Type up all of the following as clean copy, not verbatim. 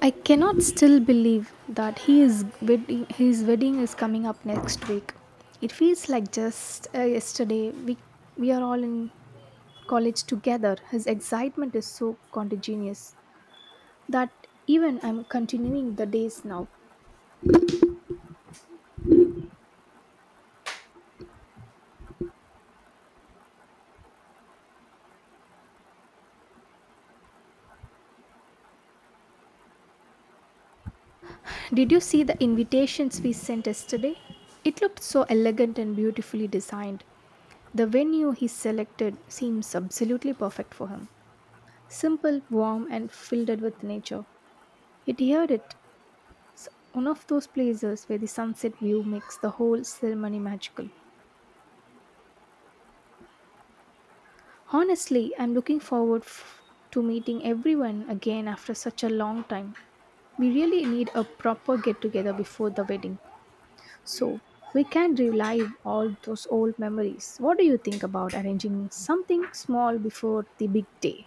I cannot still believe that he is wedding, his wedding is coming up next week. It feels like just yesterday we are all in college together. His excitement is so contagious that even I'm continuing the days now. Did you see the invitations we sent yesterday? It looked so elegant and beautifully designed. The venue he selected seems absolutely perfect for him. Simple, warm, and filled with nature. Yet heard it. One of those places where the sunset view makes the whole ceremony magical. Honestly, I'm looking to meeting everyone again after such a long time. We really need a proper get together before the wedding. So, we can relive all those old memories. What do you think about arranging something small before the big day?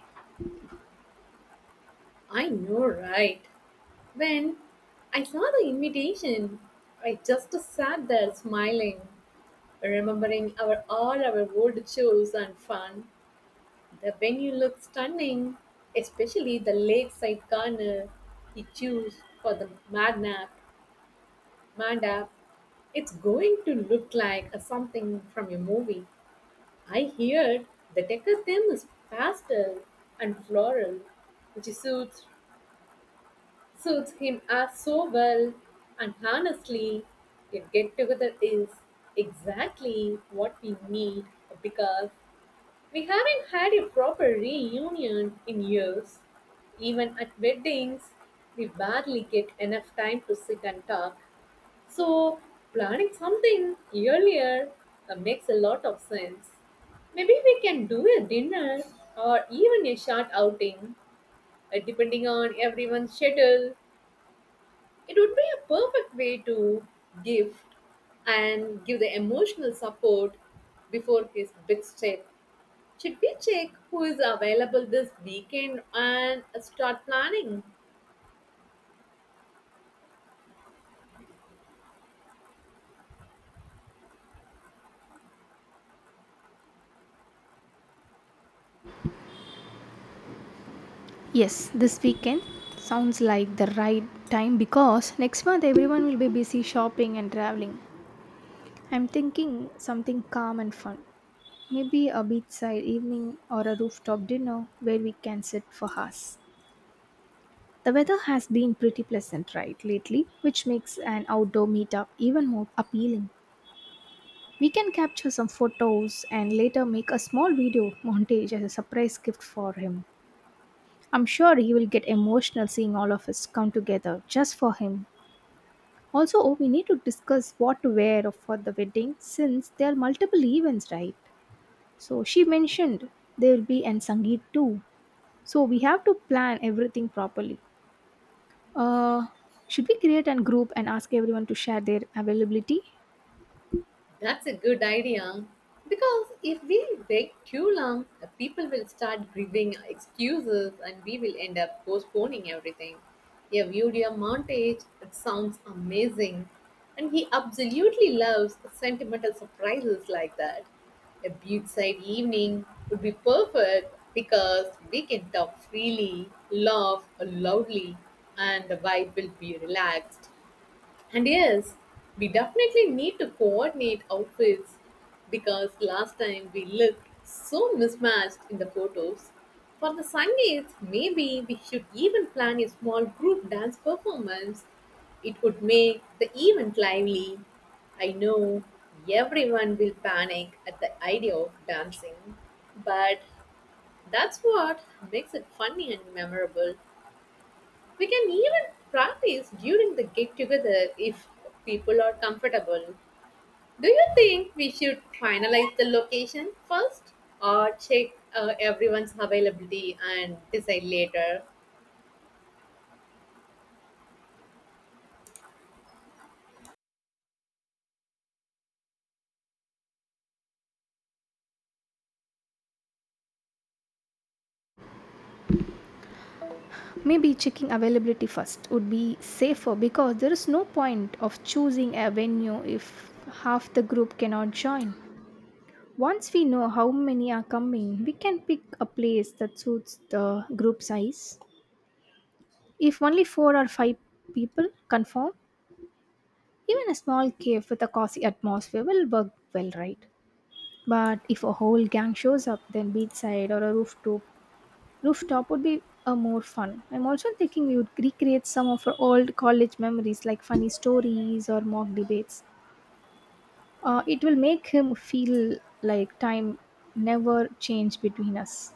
I know, right? When I saw the invitation, I just sat there smiling, remembering our all our old shows and fun. The venue looked stunning, especially the lakeside corner he chose for the madnap, madap. It's going to look like a something from a movie. I heard the decor theme is pastel and floral, which suits him as so well. And honestly, a get together is exactly what we need because we haven't had a proper reunion in years. Even at weddings, we barely get enough time to sit and talk. So, planning something earlier makes a lot of sense. Maybe we can do a dinner or even a short outing, depending on everyone's schedule. It would be a perfect way to gift and give the emotional support before his big step. Should we check who is available this weekend and start planning? Yes, this weekend sounds like the right time because next month everyone will be busy shopping and traveling. I'm thinking something calm and fun. Maybe a beachside evening or a rooftop dinner where we can sit for hours. The weather has been pretty pleasant right lately, which makes an outdoor meetup even more appealing. We can capture some photos and later make a small video montage as a surprise gift for him. I'm sure he will get emotional seeing all of us come together just for him. Also, oh, we need to discuss what to wear for the wedding since there are multiple events, right? So she mentioned there will be an Sangeet too. So we have to plan everything properly. Uh, should we create a group and ask everyone to share their availability? That's a good idea. Because if we wait too long, people will start giving excuses and we will end up postponing everything. A video montage, it sounds amazing. And he absolutely loves sentimental surprises like that. A beachside evening would be perfect because we can talk freely, laugh loudly, and the vibe will be relaxed. And yes, we definitely need to coordinate outfits because last time we looked so mismatched in the photos. For the Sundays, maybe we should even plan a small group dance performance. It would make the event lively. I know everyone will panic at the idea of dancing, but that's what makes it funny and memorable. We can even practice during the get together if people are comfortable. Do you think we should finalize the location first or check everyone's availability and decide later? Maybe checking availability first would be safer because there is no point of choosing a venue if half the group cannot join. Once we know how many are coming, we can pick a place that suits the group size. If only four or five people confirm, even a small cave with a cozy atmosphere will work well, right? But if a whole gang shows up, then beachside or a rooftop would be a more fun. I'm also thinking we would recreate some of our old college memories, like funny stories or mock debates. It will make him feel like time never changed between us.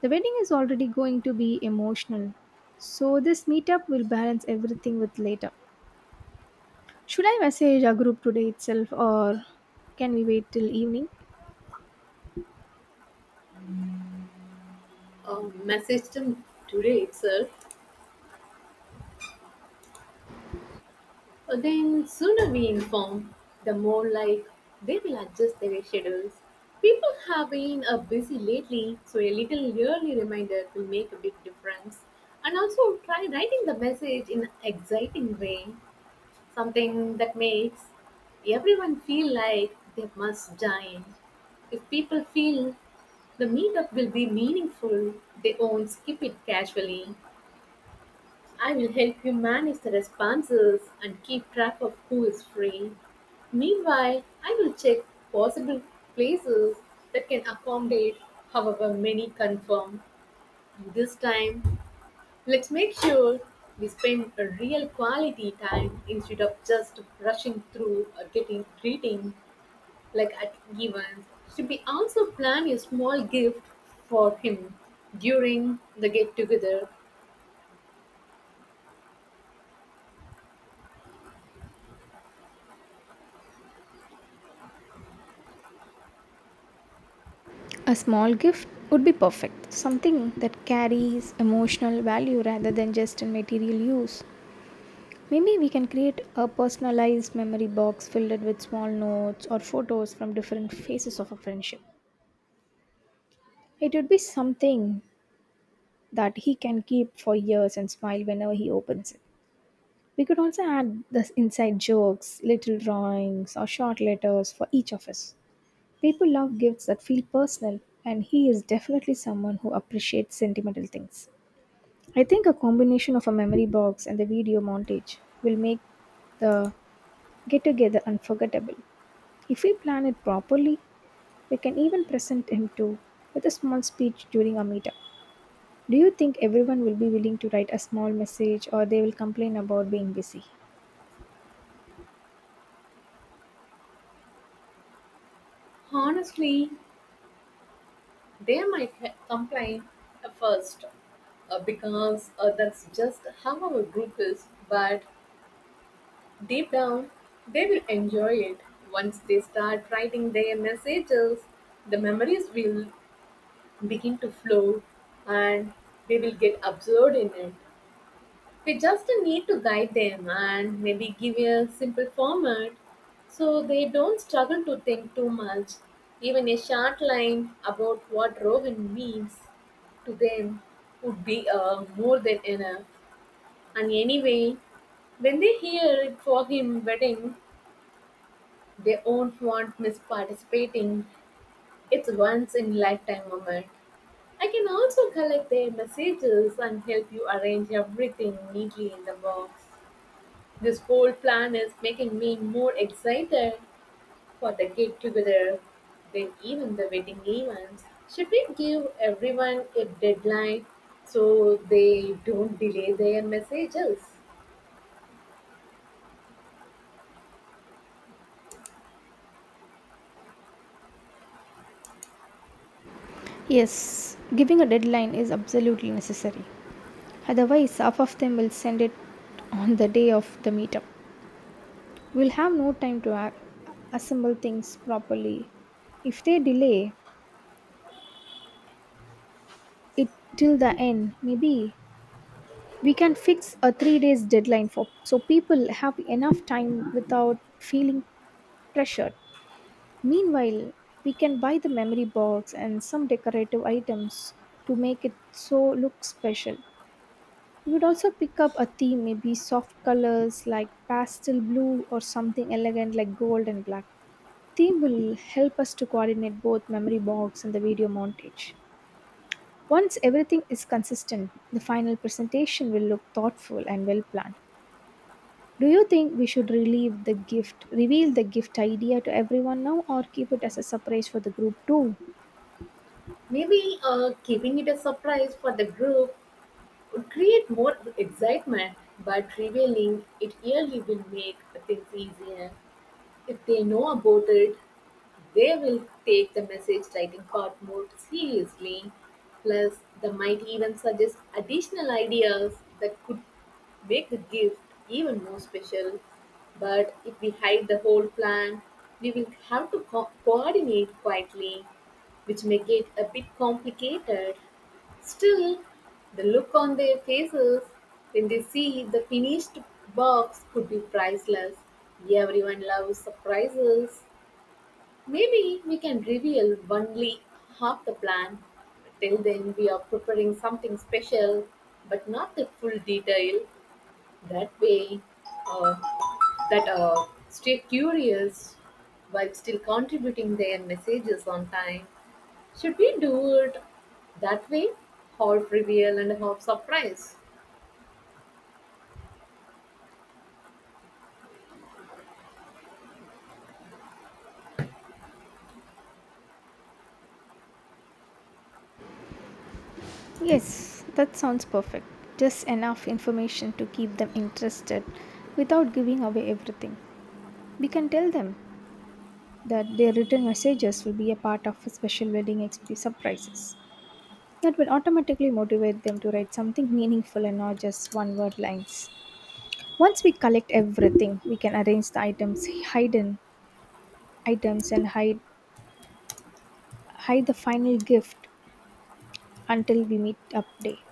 The wedding is already going to be emotional, so this meetup will balance everything with later. Should I message our group today itself, or can we wait till evening? Message them today itself. Then, sooner we inform, the more like they will adjust their schedules. People have been busy lately, so a little yearly reminder will make a big difference. And also try writing the message in an exciting way, something that makes everyone feel like they must join. If people feel the meetup will be meaningful, they won't skip it casually. I will help you manage the responses and keep track of who is free. Meanwhile, I will check possible places that can accommodate however many confirm. This time, let's make sure we spend a real quality time instead of just rushing through or getting greeting like at events. Should we also plan a small gift for him during the get together? A small gift would be perfect. Something that carries emotional value rather than just a material use. Maybe we can create a personalized memory box filled with small notes or photos from different phases of a friendship. It would be something that he can keep for years and smile whenever he opens it. We could also add the inside jokes, little drawings, or short letters for each of us. People love gifts that feel personal, and he is definitely someone who appreciates sentimental things. I think a combination of a memory box and the video montage will make the get together unforgettable. If we plan it properly, we can even present him too with a small speech during our meetup. Do you think everyone will be willing to write a small message or they will complain about being busy? Honestly, they might complain at first, because that's just how our group is, but deep down, they will enjoy it. Once they start writing their messages, the memories will begin to flow and they will get absorbed in it. We just need to guide them and maybe give a simple format so they don't struggle to think too much. Even a short line about what Rohan means to them would be more than enough. And anyway, when they hear it for him wedding, they won't want miss participating. It's once in lifetime moment. I can also collect their messages and help you arrange everything neatly in the box. This whole plan is making me more excited for the get together than even the wedding events. Should we give everyone a deadline so they don't delay their messages? Yes, giving a deadline is absolutely necessary. Otherwise, half of them will send it on the day of the meetup. We'll have no time to assemble things properly. If they delay, it till the end, maybe we can fix a 3 days deadline for so people have enough time without feeling pressured. Meanwhile, we can buy the memory box and some decorative items to make it so look special. We would also pick up a theme, maybe soft colors like pastel blue or something elegant like gold and black. Theme will help us to coordinate both memory box and the video montage. Once everything is consistent, the final presentation will look thoughtful and well planned. Do you think we should relieve the gift, reveal the gift idea to everyone now or keep it as a surprise for the group too? Maybe keeping it a surprise for the group would create more excitement, but revealing it early will make things easier if they know about it. They will take the message writing part more seriously. Plus, they might even suggest additional ideas that could make the gift even more special. But if we hide the whole plan, we will have to coordinate quietly, which may get a bit complicated. Still, the look on their faces when they see the finished box could be priceless. Everyone loves surprises. Maybe we can reveal only half the plan. Till then, we are preparing something special, but not the full detail. That way, uh, that stay curious while still contributing their messages on time. Should we do it that way? Half reveal and half surprise. Yes, that sounds perfect. Just enough information to keep them interested without giving away everything. We can tell them that their written messages will be a part of a special wedding surprises. That will automatically motivate them to write something meaningful and not just one word lines. Once we collect everything, we can arrange the items, hide in items, and hide the final gift until we meet up day.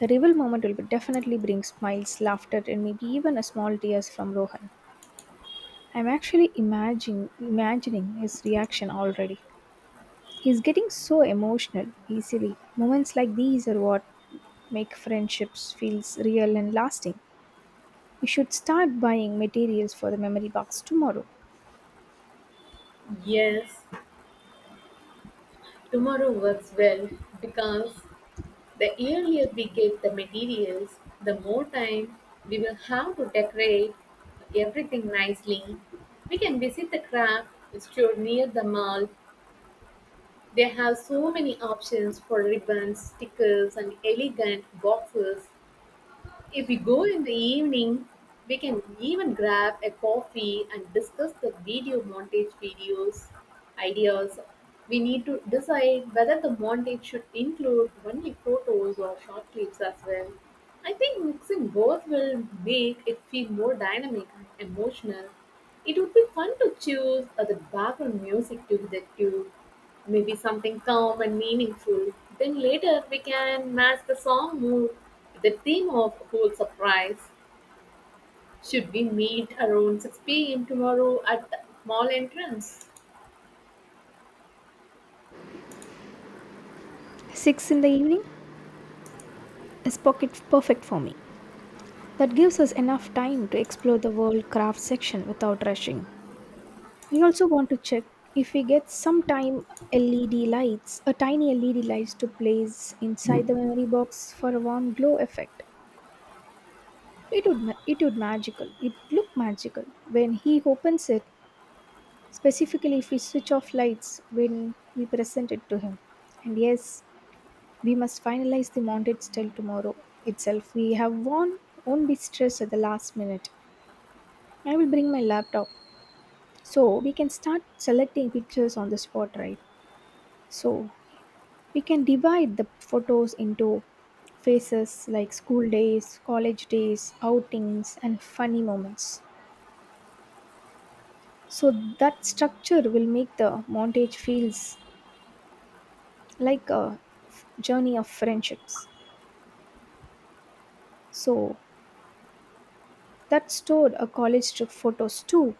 The reveal moment will be definitely bring smiles, laughter, and maybe even a small tears from Rohan. I'm actually imagining his reaction already. He's getting so emotional easily. Moments like these are what make friendships feels real and lasting. We should start buying materials for the memory box tomorrow. Yes, tomorrow works well because the earlier we get the materials, the more time we will have to decorate everything nicely. We can visit the craft store near the mall. They have so many options for ribbons, stickers, and elegant boxes. If we go in the evening, we can even grab a coffee and discuss the video montage videos ideas. We need to decide whether the montage should include only photos or short clips as well. I think mixing both will make it feel more dynamic and emotional. It would be fun to choose the background music to the tune. Maybe something calm and meaningful. Then later we can match the song mood with the theme of whole surprise. Should we meet around 6 p.m. tomorrow at the mall entrance? 6 in the evening? Is pocket perfect for me. That gives us enough time to explore the world craft section without rushing. I also want to check if we get some time LED lights, a tiny LED lights to place inside the memory box for a warm glow effect. It would it would magical. It look magical when he opens it. Specifically, if we switch off lights when we present it to him. And yes, we must finalize the mounted style tomorrow itself. We have won't be stressed at the last minute. I will bring my laptop. So we can start selecting pictures on the spot, right? So we can divide the photos into phases like school days, college days, outings, and funny moments. So that structure will make the montage feels like a journey of friendships. So that stored a college trip photos too.